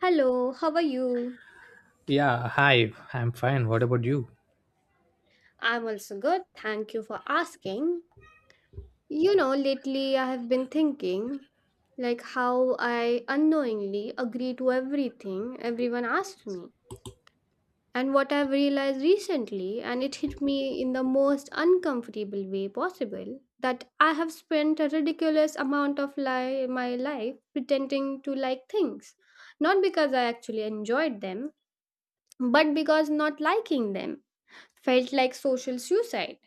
Hello, how are you? Yeah, hi, I'm fine. What about you? I'm also good. Thank you for asking. You know, lately I have been thinking like how I unknowingly agree to everything everyone asked me. And what I've realized recently, and it hit me in the most uncomfortable way possible, that I have spent a ridiculous amount of my life pretending to like things. Not because I actually enjoyed them, but because not liking them felt like social suicide,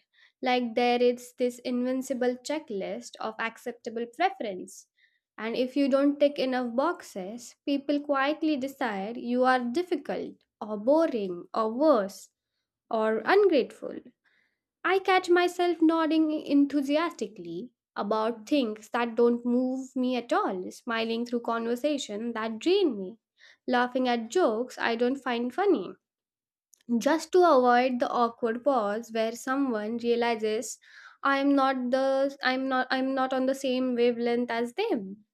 like there is this invincible checklist of acceptable preference. And if you don't tick enough boxes, people quietly decide you are difficult or boring or worse or ungrateful. I catch myself nodding enthusiastically about things that don't move me at all, smiling through conversation that drain me, laughing at jokes I don't find funny just to avoid the awkward pause where someone realizes I'm not on the same wavelength as them.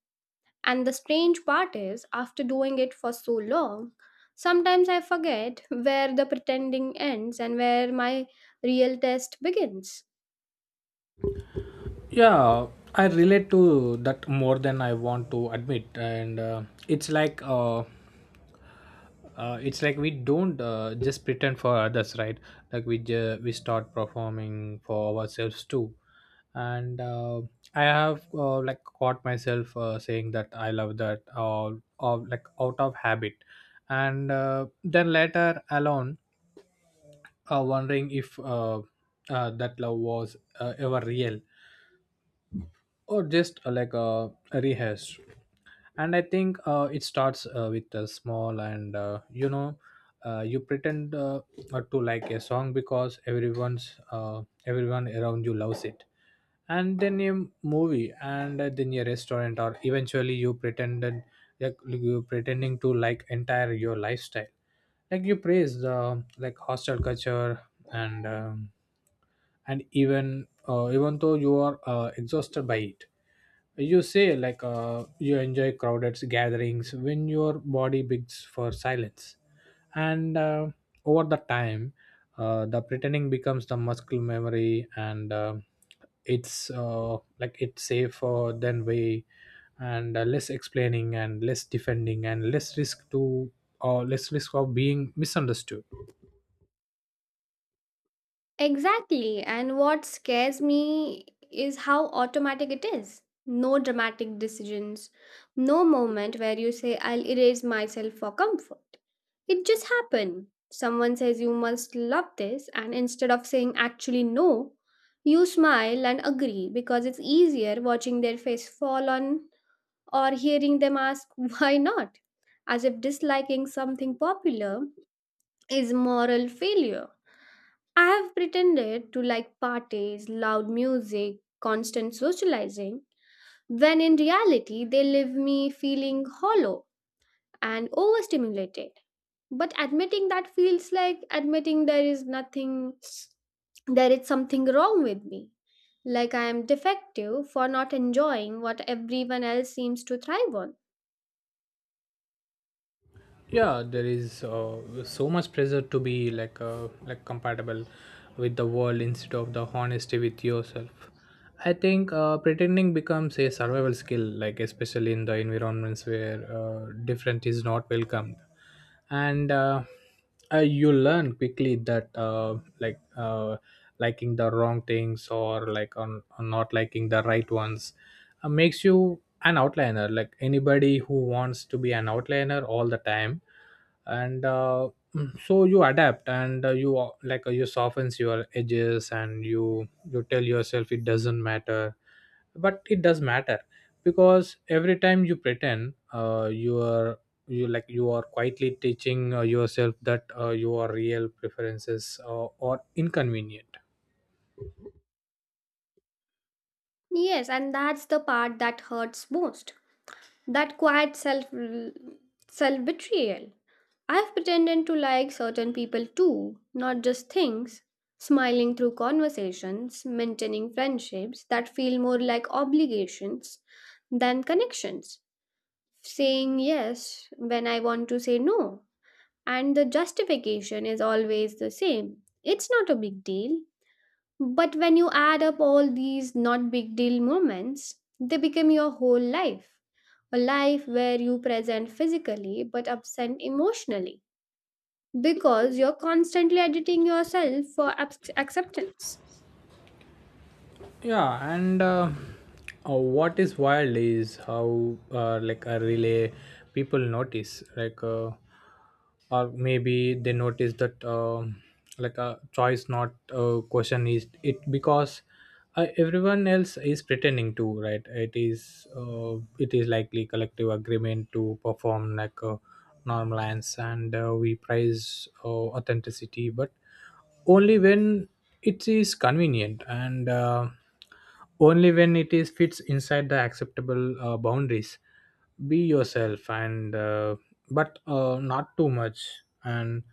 And the strange part is, after doing it for so long, sometimes I forget where the pretending ends and where my real test begins. Yeah, I relate to that more than I want to admit. And It's like, it's like we don't just pretend for others, right? Like we start performing for ourselves too. And I have like caught myself saying that I love that or like out of habit, and then later alone, wondering if that love was ever real or just a rehearsed. And I think it starts with a small and you pretend to like a song because everyone around you loves it, and then a movie and then a restaurant, or eventually you pretended, like you pretending to like entire your lifestyle, like you praise the like hostel culture. And and even even though you are exhausted by it, you say you enjoy crowded gatherings when your body begs for silence. And Over the time, the pretending becomes the muscle memory and it's like it's safer than way, and less explaining and less defending and less risk to, or less risk of being misunderstood. Exactly. And what scares me is how automatic it is. No dramatic decisions, no moment where you say, I'll erase myself for comfort. It just happened. Someone says you must love this, and instead of saying actually no, you smile and agree because it's easier watching their face fall on or hearing them ask, why not? As if disliking something popular is moral failure. I have pretended to like parties, loud music, constant socializing, when in reality they leave me feeling hollow and overstimulated. But admitting that feels like admitting there is nothing, there is something wrong with me. Like I am defective for not enjoying what everyone else seems to thrive on. Yeah, there is so much pressure to be like compatible with the world instead of the honesty with yourself. I think pretending becomes a survival skill, like especially in the environments where different is not welcomed. And You learn quickly that liking the wrong things or like on not liking the right ones makes you an outliner, like anybody who wants to be an outliner all the time. and uh, so you adapt, and you you softens your edges, and you tell yourself it doesn't matter, but it does matter, because every time you pretend, you are, you like you are quietly teaching yourself that your real preferences are inconvenient. Yes, and that's the part that hurts most. That quiet self betrayal. I've pretended to like certain people too, not just things. Smiling through conversations, maintaining friendships that feel more like obligations than connections. Saying yes when I want to say no. And the justification is always the same. It's not a big deal. But when you add up all these not big deal moments, they become your whole life. A life where you present physically but absent emotionally because you're constantly editing yourself for acceptance. Yeah, and what is wild is how like a relay people notice, or maybe they notice that like a choice, not question, is it because everyone else is pretending to right? It is it is likely collective agreement to perform like a normal lines. And We prize authenticity but only when it is convenient, and only when it is fits inside the acceptable boundaries. Be yourself, and but not too much, and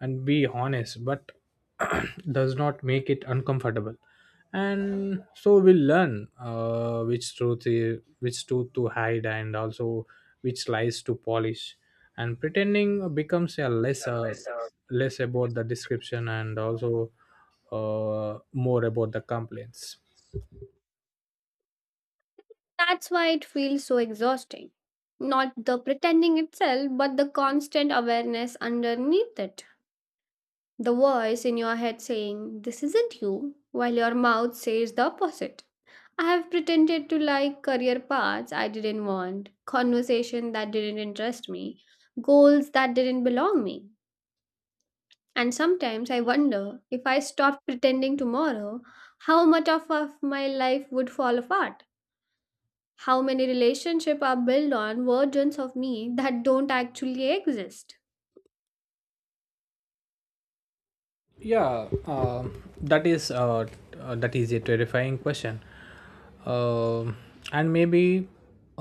and be honest, but does not make it uncomfortable. And so we'll learn which truth to hide, and also which lies to polish. And pretending becomes a less less about the description, and also more about the complaints. That's why it feels so exhausting. Not the pretending itself, but the constant awareness underneath it. The voice in your head saying, this isn't you, while your mouth says the opposite. I have pretended to like career paths I didn't want, conversation that didn't interest me, goals that didn't belong me. And sometimes I wonder, if I stopped pretending tomorrow, how much of my life would fall apart? How many relationships are built on versions of me that don't actually exist? Yeah. That is that is a terrifying question. Um and maybe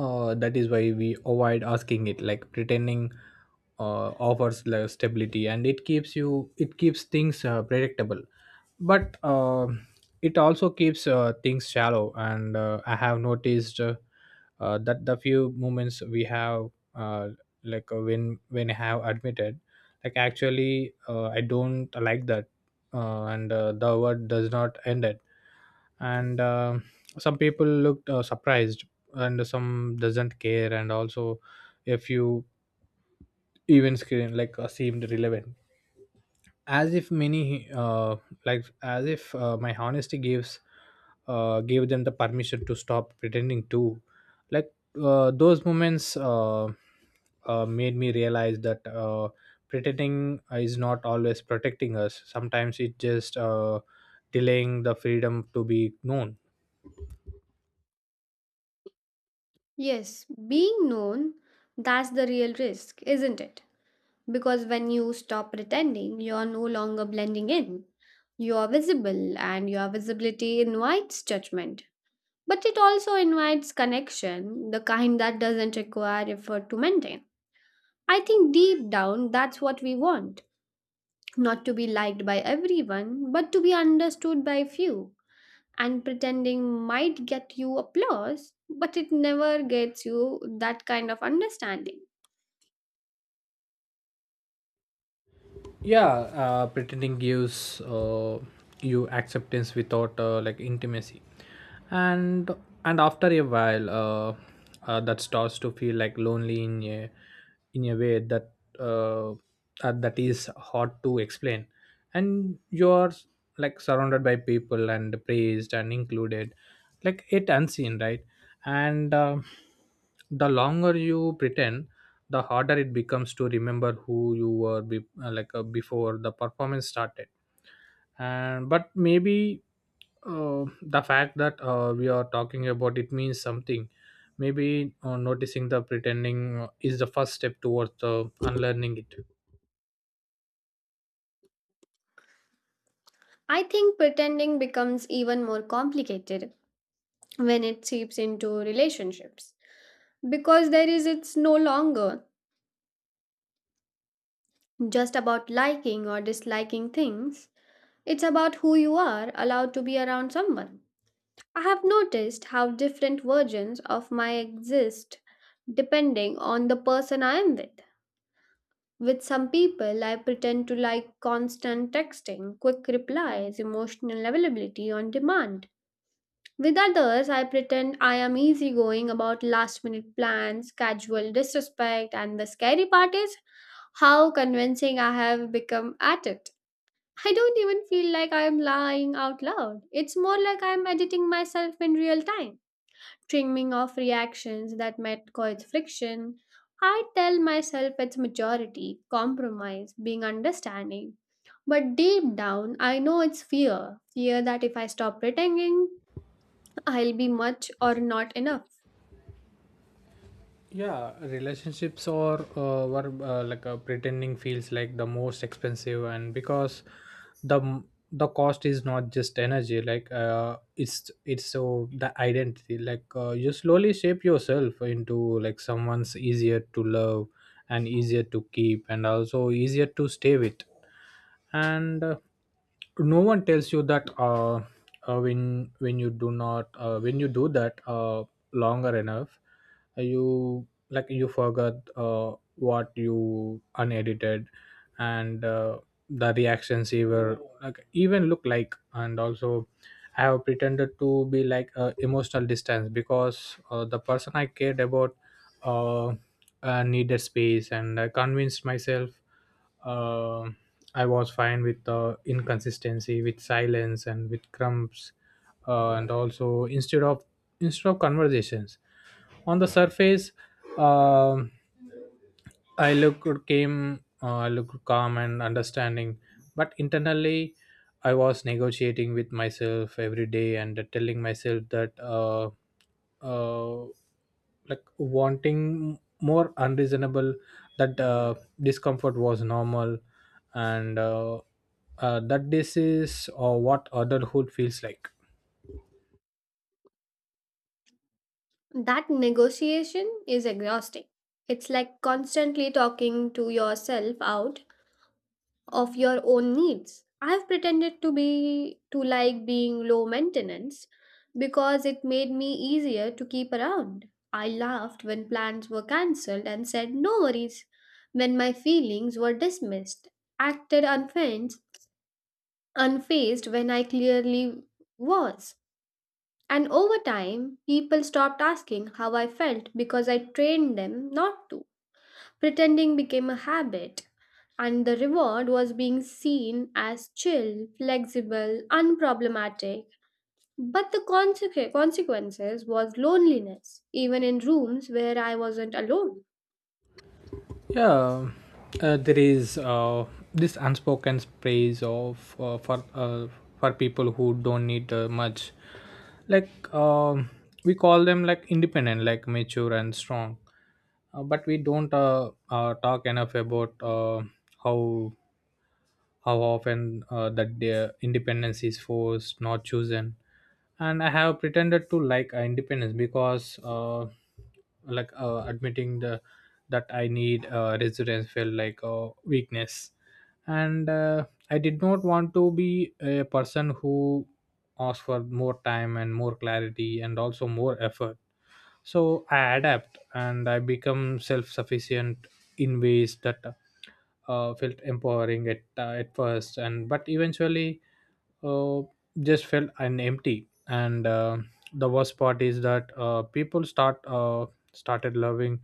that is why we avoid asking it. Like pretending offers like stability, and it keeps you, it keeps things predictable. But it also keeps things shallow. And I have noticed that the few moments we have, uh, when when I have admitted, like actually, I don't like that, and the word does not end it. And Some people looked surprised, and some doesn't care, and also a few even screen seemed relevant, as if my honesty gives gave them the permission to stop pretending too. Like those moments made me realize that pretending is not always protecting us. Sometimes it just delaying the freedom to be known. Yes, being known, that's the real risk, isn't it? Because when you stop pretending, you are no longer blending in. You are visible, and your visibility invites judgment. But it also invites connection, the kind that doesn't require effort to maintain. I think deep down, that's what we want. Not to be liked by everyone, but to be understood by few. And pretending might get you applause, but it never gets you that kind of understanding. Yeah, pretending gives you acceptance without like intimacy. and and after a while that starts to feel like lonely in a, in a way that uh, that is hard to explain. And you're like surrounded by people and praised and included, like it unseen, right? and The longer you pretend, the harder it becomes to remember who you were before the performance started. And but maybe the fact that we are talking about it means something. Maybe noticing the pretending is the first step towards the unlearning it. I think pretending becomes even more complicated when it seeps into relationships, because there is, it's no longer just about liking or disliking things, it's about who you are allowed to be around someone. I have noticed how different versions of my exist depending on the person I am with. With some people I pretend to like constant texting, quick replies, emotional availability on demand. With others, I pretend I am easygoing about last minute plans, casual disrespect, and the scary part is how convincing I have become at it. I don't even feel like I am lying out loud. It's more like I am editing myself in real time, trimming off reactions that might cause friction. I tell myself it's maturity, compromise, being understanding. But deep down, I know it's fear. Fear that if I stop pretending, I'll be much or not enough. Yeah, relationships or were like pretending feels like the most expensive, and because the the cost is not just energy, it's so the identity. You slowly shape yourself into like someone's easier to love, and easier to keep, and also easier to stay with. And no one tells you that when when you do not, when you do that longer enough, you like you forgot what you unedited, and the reactions he were like even look like. And also I have pretended to be like emotional distance because the person I cared about uh, needed space, and I convinced myself uh, I was fine with inconsistency, with silence, and with crumbs. And also instead of conversations on the surface. um I looked came looked calm and understanding, but internally, I was negotiating with myself every day, and telling myself that uh, like wanting more unreasonable, that discomfort was normal, and that this is what adulthood feels like. That negotiation is exhausting. It's like constantly talking to yourself out of your own needs. I've pretended to like being low maintenance because it made me easier to keep around. I laughed when plans were cancelled and said no worries when my feelings were dismissed. Acted unfazed, unfazed when I clearly was. And over time, people stopped asking how I felt because I trained them not to. Pretending became a habit, and the reward was being seen as chill, flexible, unproblematic. But the consequences was loneliness, even in rooms where I wasn't alone. Yeah, there is this unspoken praise of for for people who don't need much. Like we call them like independent, like mature and strong, but we don't talk enough about how how often that their independence is forced, not chosen. And I have pretended to like independence because, admitting the that I need residence felt like a weakness, and I did not want to be a person who asked for more time and more clarity and also more effort. So I adapt and I become self-sufficient in ways that felt empowering at at first and but eventually uh, just felt an empty. And the worst part is that people started loving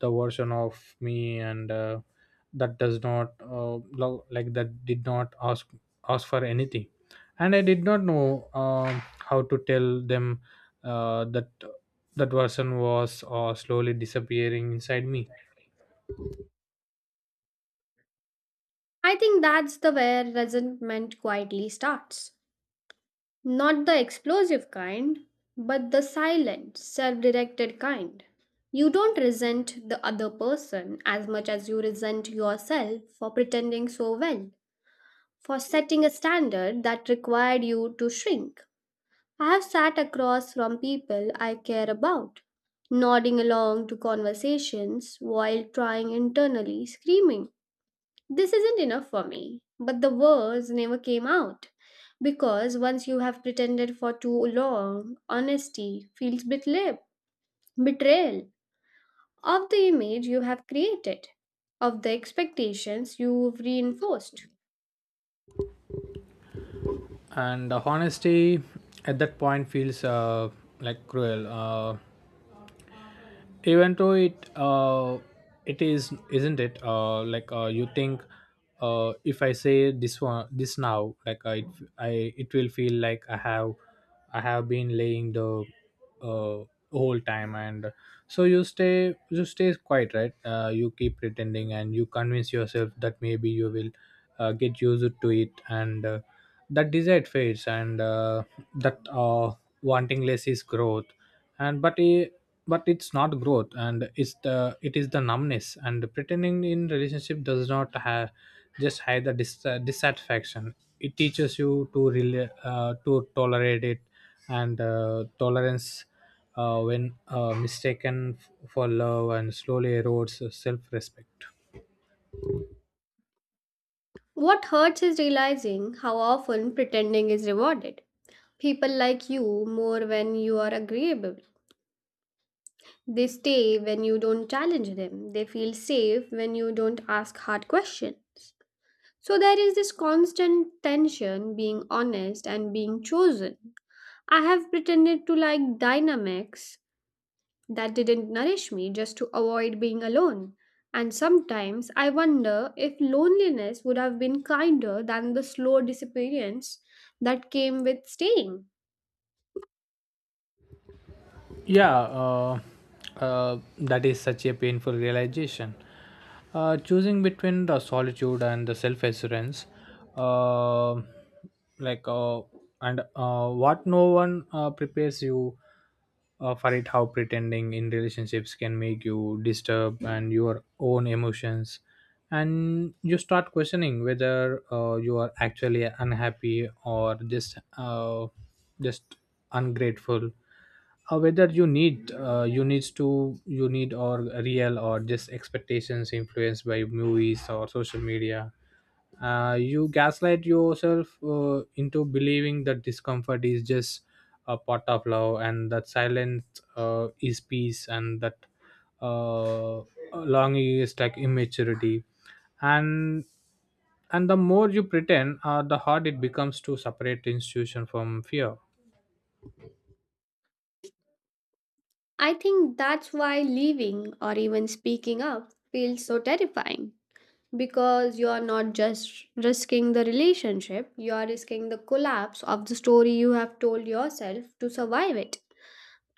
the version of me, and that does not love like that did not ask for anything, and I did not know how to tell them that that version was slowly disappearing inside me. I think that's the where resentment quietly starts. Not the explosive kind, but the silent, self directed kind. You don't resent the other person as much as you resent yourself for pretending so well, for setting a standard that required you to shrink. I have sat across from people I care about, nodding along to conversations while trying internally, screaming, this isn't enough for me. But the words never came out. Because once you have pretended for too long, honesty feels betrayal, betrayal of the image you have created, of the expectations you've reinforced. And the honesty at that point feels like cruel, even though it it is isn't it. You think if I say this now, like I it will feel like I have been laying the uh, whole time. And so you stay quiet, right? You keep pretending and you convince yourself that maybe you will get used to it, and that desire fades, and that wanting less is growth. And but i but it's not growth, and it's the it is the numbness. And pretending in relationship does not have just hide the dissatisfaction, it teaches you to to tolerate it. And tolerance when mistaken for love and slowly erodes self respect. What hurts is realizing how often pretending is rewarded. People like you more when you are agreeable. They stay when you don't challenge them. They feel safe when you don't ask hard questions. So there is this constant tension being honest and being chosen. I have pretended to like dynamics that didn't nourish me just to avoid being alone. And sometimes I wonder if loneliness would have been kinder than the slow disappearance that came with staying. Yeah, that is such a painful realization. Choosing between the solitude and the self assurance, uh, like, and what no one prepares you for it, how pretending in relationships can make you disturb and your own emotions. And you start questioning whether you are actually unhappy or just, just ungrateful, whether you need, you needs to you need or real, or just expectations influenced by movies or social media. You gaslight yourself into believing that discomfort is just a part of love, and that silence is peace, and that uh, longing is like immaturity. And and the more you pretend, the harder it becomes to separate institution from fear. I think that's why leaving or even speaking up feels so terrifying, because you are not just risking the relationship, you are risking the collapse of the story you have told yourself to survive it.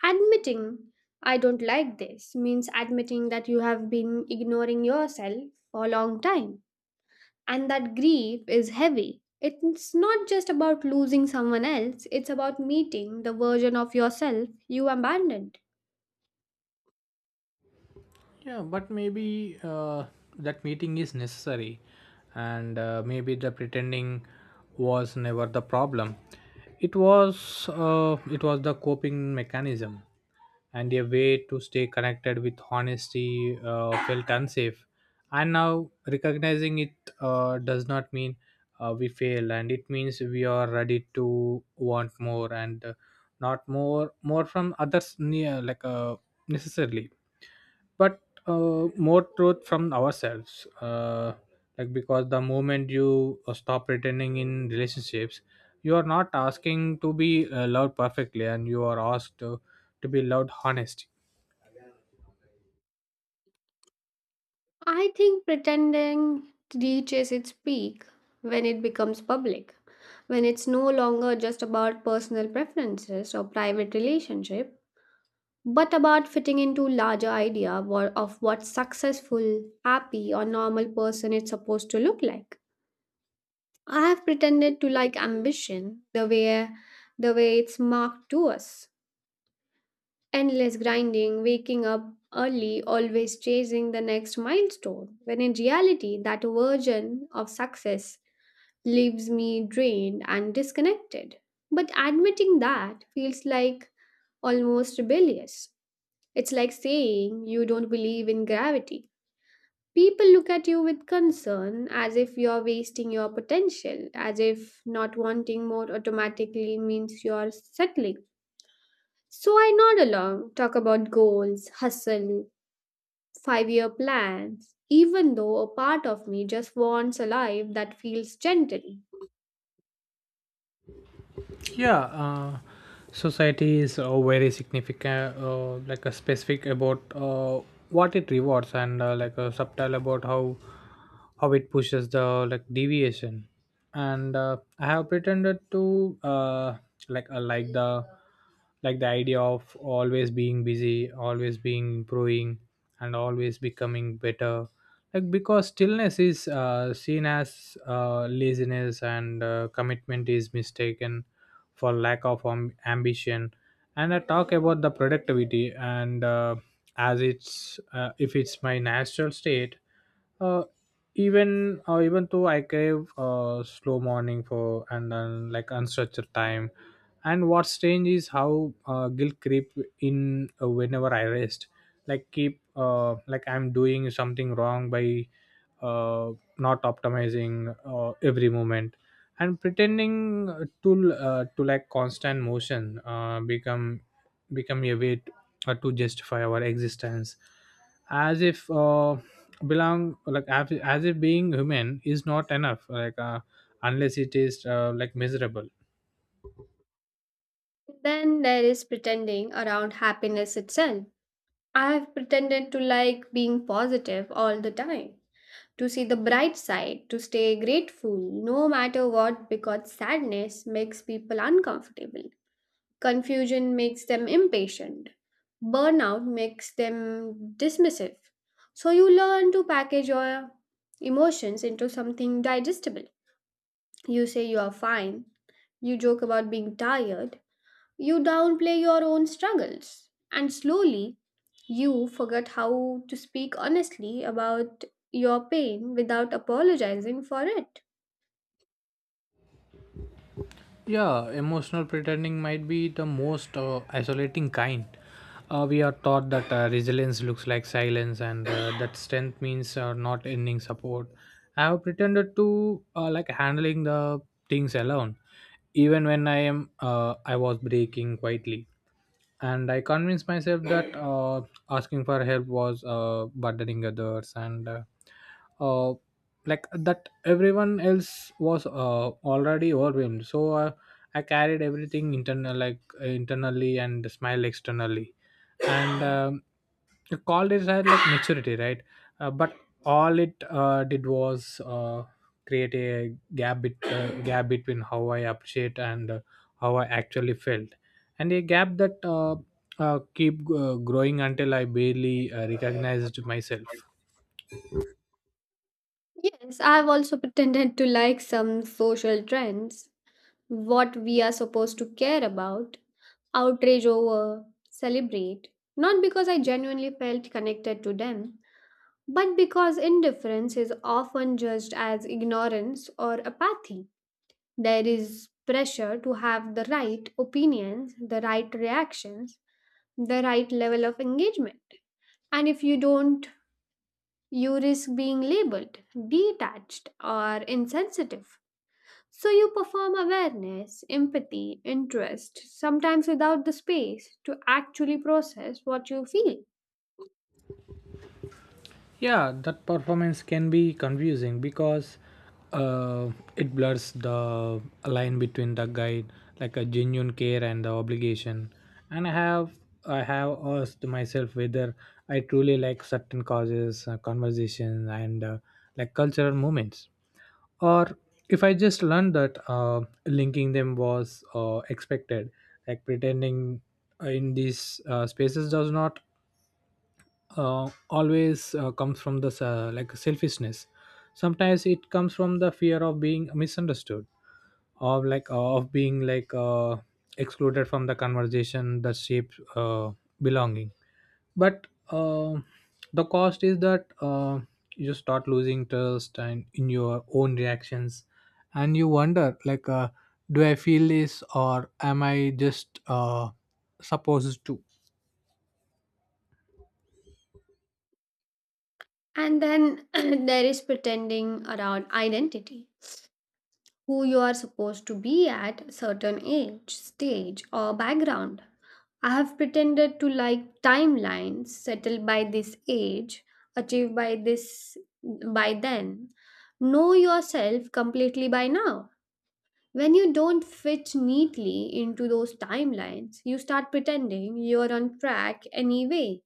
Admitting I don't like this means admitting that you have been ignoring yourself for a long time. And that grief is heavy. It's not just about losing someone else, it's about meeting the version of yourself you abandoned. Yeah, but maybe that meeting is necessary, and maybe the pretending was never the problem. It was the coping mechanism, and a way to stay connected with honesty felt unsafe. And now recognizing it does not mean we fail, and it means we are ready to want more and not more from others near like necessarily but more truth from ourselves like because the moment you stop pretending in relationships you are not asking to be loved perfectly and you are asked to be loved honestly. I think pretending reaches its peak when it becomes public, when it's no longer just about personal preferences or private relationship, but about fitting into larger idea of what successful, happy or normal person is supposed to look like. I have pretended to like ambition the way it's marked to us. Endless grinding, waking up early, always chasing the next milestone, when in reality, that version of success leaves me drained and disconnected. But admitting that feels like almost rebellious. It's like saying you don't believe in gravity. People look at you with concern as if you're wasting your potential, as if not wanting more automatically means you're settling. So I nod along, talk about goals, hustle, 5-year plans, even though a part of me just wants a life that feels gentle. Yeah, society is very significant, like a specific about what it rewards and like a subtle about how it pushes the like deviation. And I have pretended to like the idea of always being busy, always being improving, and always becoming better, like because stillness is seen as laziness and commitment is mistaken for lack of ambition. And I talk about the productivity and as it's if it's my natural state, uh, even even though I crave slow morning for and then like unstructured time. And what's strange is how guilt creep in whenever I rest, like keep like I'm doing something wrong by uh, not optimizing every moment. And pretending to to like constant motion become a way to justify our existence, as if belong, like as if being human is not enough, like unless it is like miserable. Then there is pretending around happiness itself. I have pretended to like being positive all the time, to see the bright side, to stay grateful no matter what, because sadness makes people uncomfortable. Confusion makes them impatient. Burnout makes them dismissive. So you learn to package your emotions into something digestible. You say you are fine. You joke about being tired. You downplay your own struggles. And slowly, you forget how to speak honestly about your pain without apologizing for it. Yeah, emotional pretending might be the most isolating kind. We are taught that resilience looks like silence and that strength means not ending support. I have pretended to like handling the things alone, even when I am I was breaking quietly, and I convinced myself that asking for help was burdening others and uh, like that everyone else was already overwhelmed, so I carried everything internal, like internally, and smiled externally. And the college had like maturity, right? But all it did was create a gap between how I appreciate and how I actually felt, and a gap that keep growing until I barely recognized myself. Yes, I've also pretended to like some social trends, what we are supposed to care about, outrage over, celebrate. Not because I genuinely felt connected to them, but because indifference is often judged as ignorance or apathy. There is pressure to have the right opinions, the right reactions, the right level of engagement. And if you don't, you risk being labeled detached or insensitive. So you perform awareness, empathy, interest, sometimes without the space to actually process what you feel. Yeah, that performance can be confusing because uh, it blurs the line between the guide, like a genuine care and the obligation. And I have asked myself whether I truly like certain causes, conversations, and like cultural moments, or if I just learned that linking them was expected. Like pretending in these spaces does not always comes from the like selfishness. Sometimes it comes from the fear of being misunderstood, of like of being like excluded from the conversation that shapes belonging. But the cost is that you start losing trust and in your own reactions, and you wonder like do I feel this or am I just supposed to? And then there is pretending around identity, who you are supposed to be at certain age, stage, or background. I have pretended to like timelines, settle by this age, achieve by this by then, know yourself completely by now. When you don't fit neatly into those timelines, you start pretending you're on track anyway.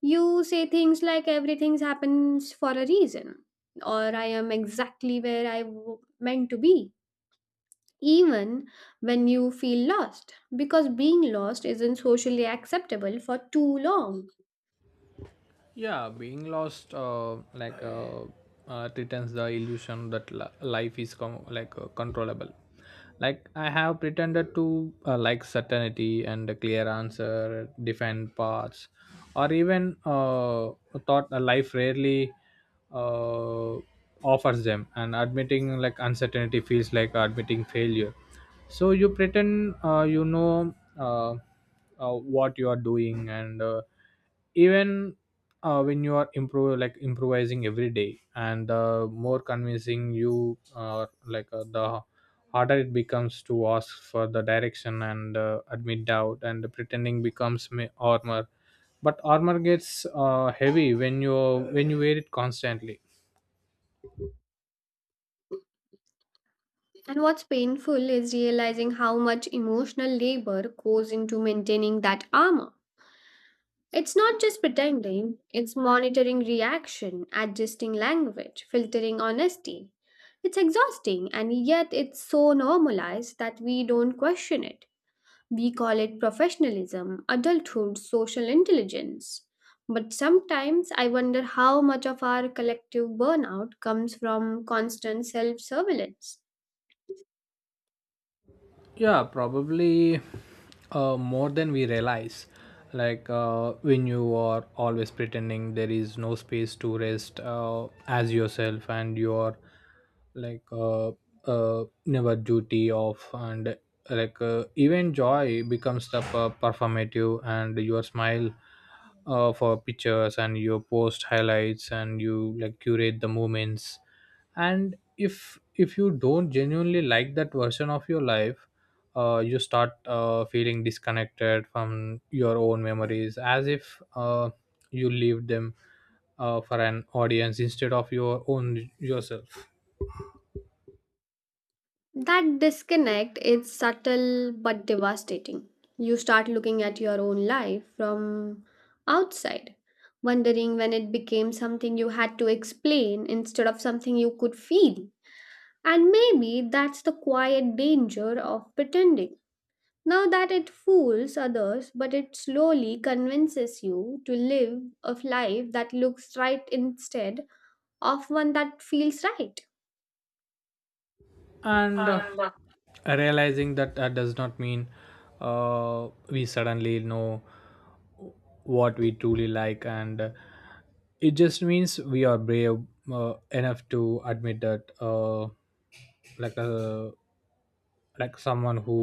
You say things like everything happens for a reason, or I am exactly where I meant to be, even when you feel lost, because being lost isn't socially acceptable for too long. Yeah, being lost like pretends the illusion that life is like controllable. Like I have pretended to like certainty and a clear answer defined paths, or even thought a life rarely uh, offers them, and admitting like uncertainty feels like admitting failure. So you pretend you know uh, what you are doing, and even when you are improvising every day, and more convincing you like the harder it becomes to ask for the direction and admit doubt. And the pretending becomes armor, but armor gets heavy when you wear it constantly. And what's painful is realizing how much emotional labor goes into maintaining that armor. It's not just pretending, it's monitoring reaction, adjusting language, filtering honesty. It's exhausting, and yet it's so normalized that we don't question it. We call it professionalism, adulthood, social intelligence. But sometimes I wonder how much of our collective burnout comes from constant self surveillance. Yeah, probably more than we realize. Like when you are always pretending there is no space to rest as yourself, and you are like never duty off. And like even joy becomes the performative, and your smile for pictures, and you post highlights, and you like curate the moments. And if you don't genuinely like that version of your life, you start feeling disconnected from your own memories, as if you leave them for an audience instead of your own yourself. That disconnect is subtle but devastating. You start looking at your own life from outside, wondering when it became something you had to explain instead of something you could feel. And maybe that's the quiet danger of pretending. Now that it fools others, but it slowly convinces you to live a life that looks right instead of one that feels right. And realizing that that does not mean we suddenly know what we truly like. And it just means we are brave enough to admit that like uh, like someone who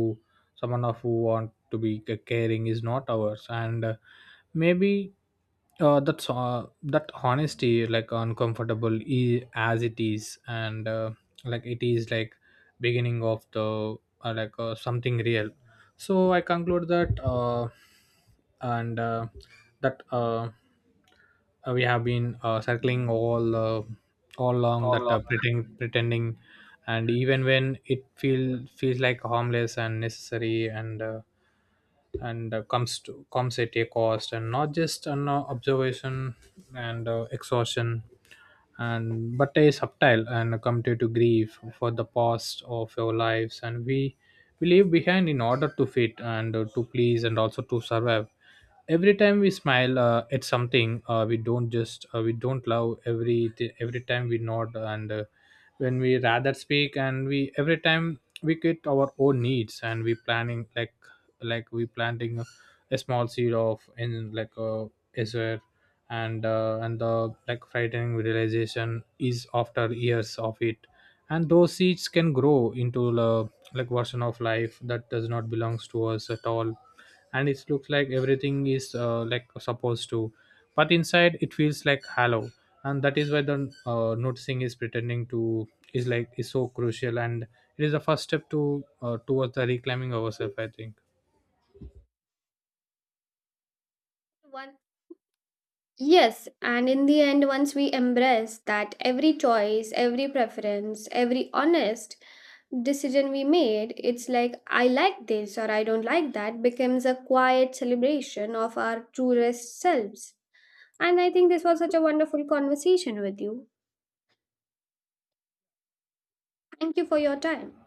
someone of who want to be caring is not ours. And maybe that's that honesty like uncomfortable as it is, and like it is like beginning of the like something real. So I conclude that and that we have been circling all along, that pretending, pretending, and even when it feels like harmless and necessary, and comes at a cost. And not just an observation and exhaustion, and but a subtle and a committed to grief for the past of your lives, and we leave behind in order to fit and to please and also to survive. Every time we smile at something we don't just we don't love every every time we nod and when we rather speak, and we every time we get our own needs, and we planning like we planting small seed of in like a desert. And and the like frightening realization is after years of it, and those seeds can grow into the like version of life that does not belongs to us at all. And it looks like everything is like supposed to, but inside it feels like hollow. And that is why the noticing is pretending to is like is so crucial, and it is the first step to towards the reclaiming ourselves, I think. One Yes, and in the end, once we embrace that every choice, every preference, every honest decision we made, it's like I like this or I don't like that becomes a quiet celebration of our truest selves. And I think this was such a wonderful conversation with you. Thank you for your time.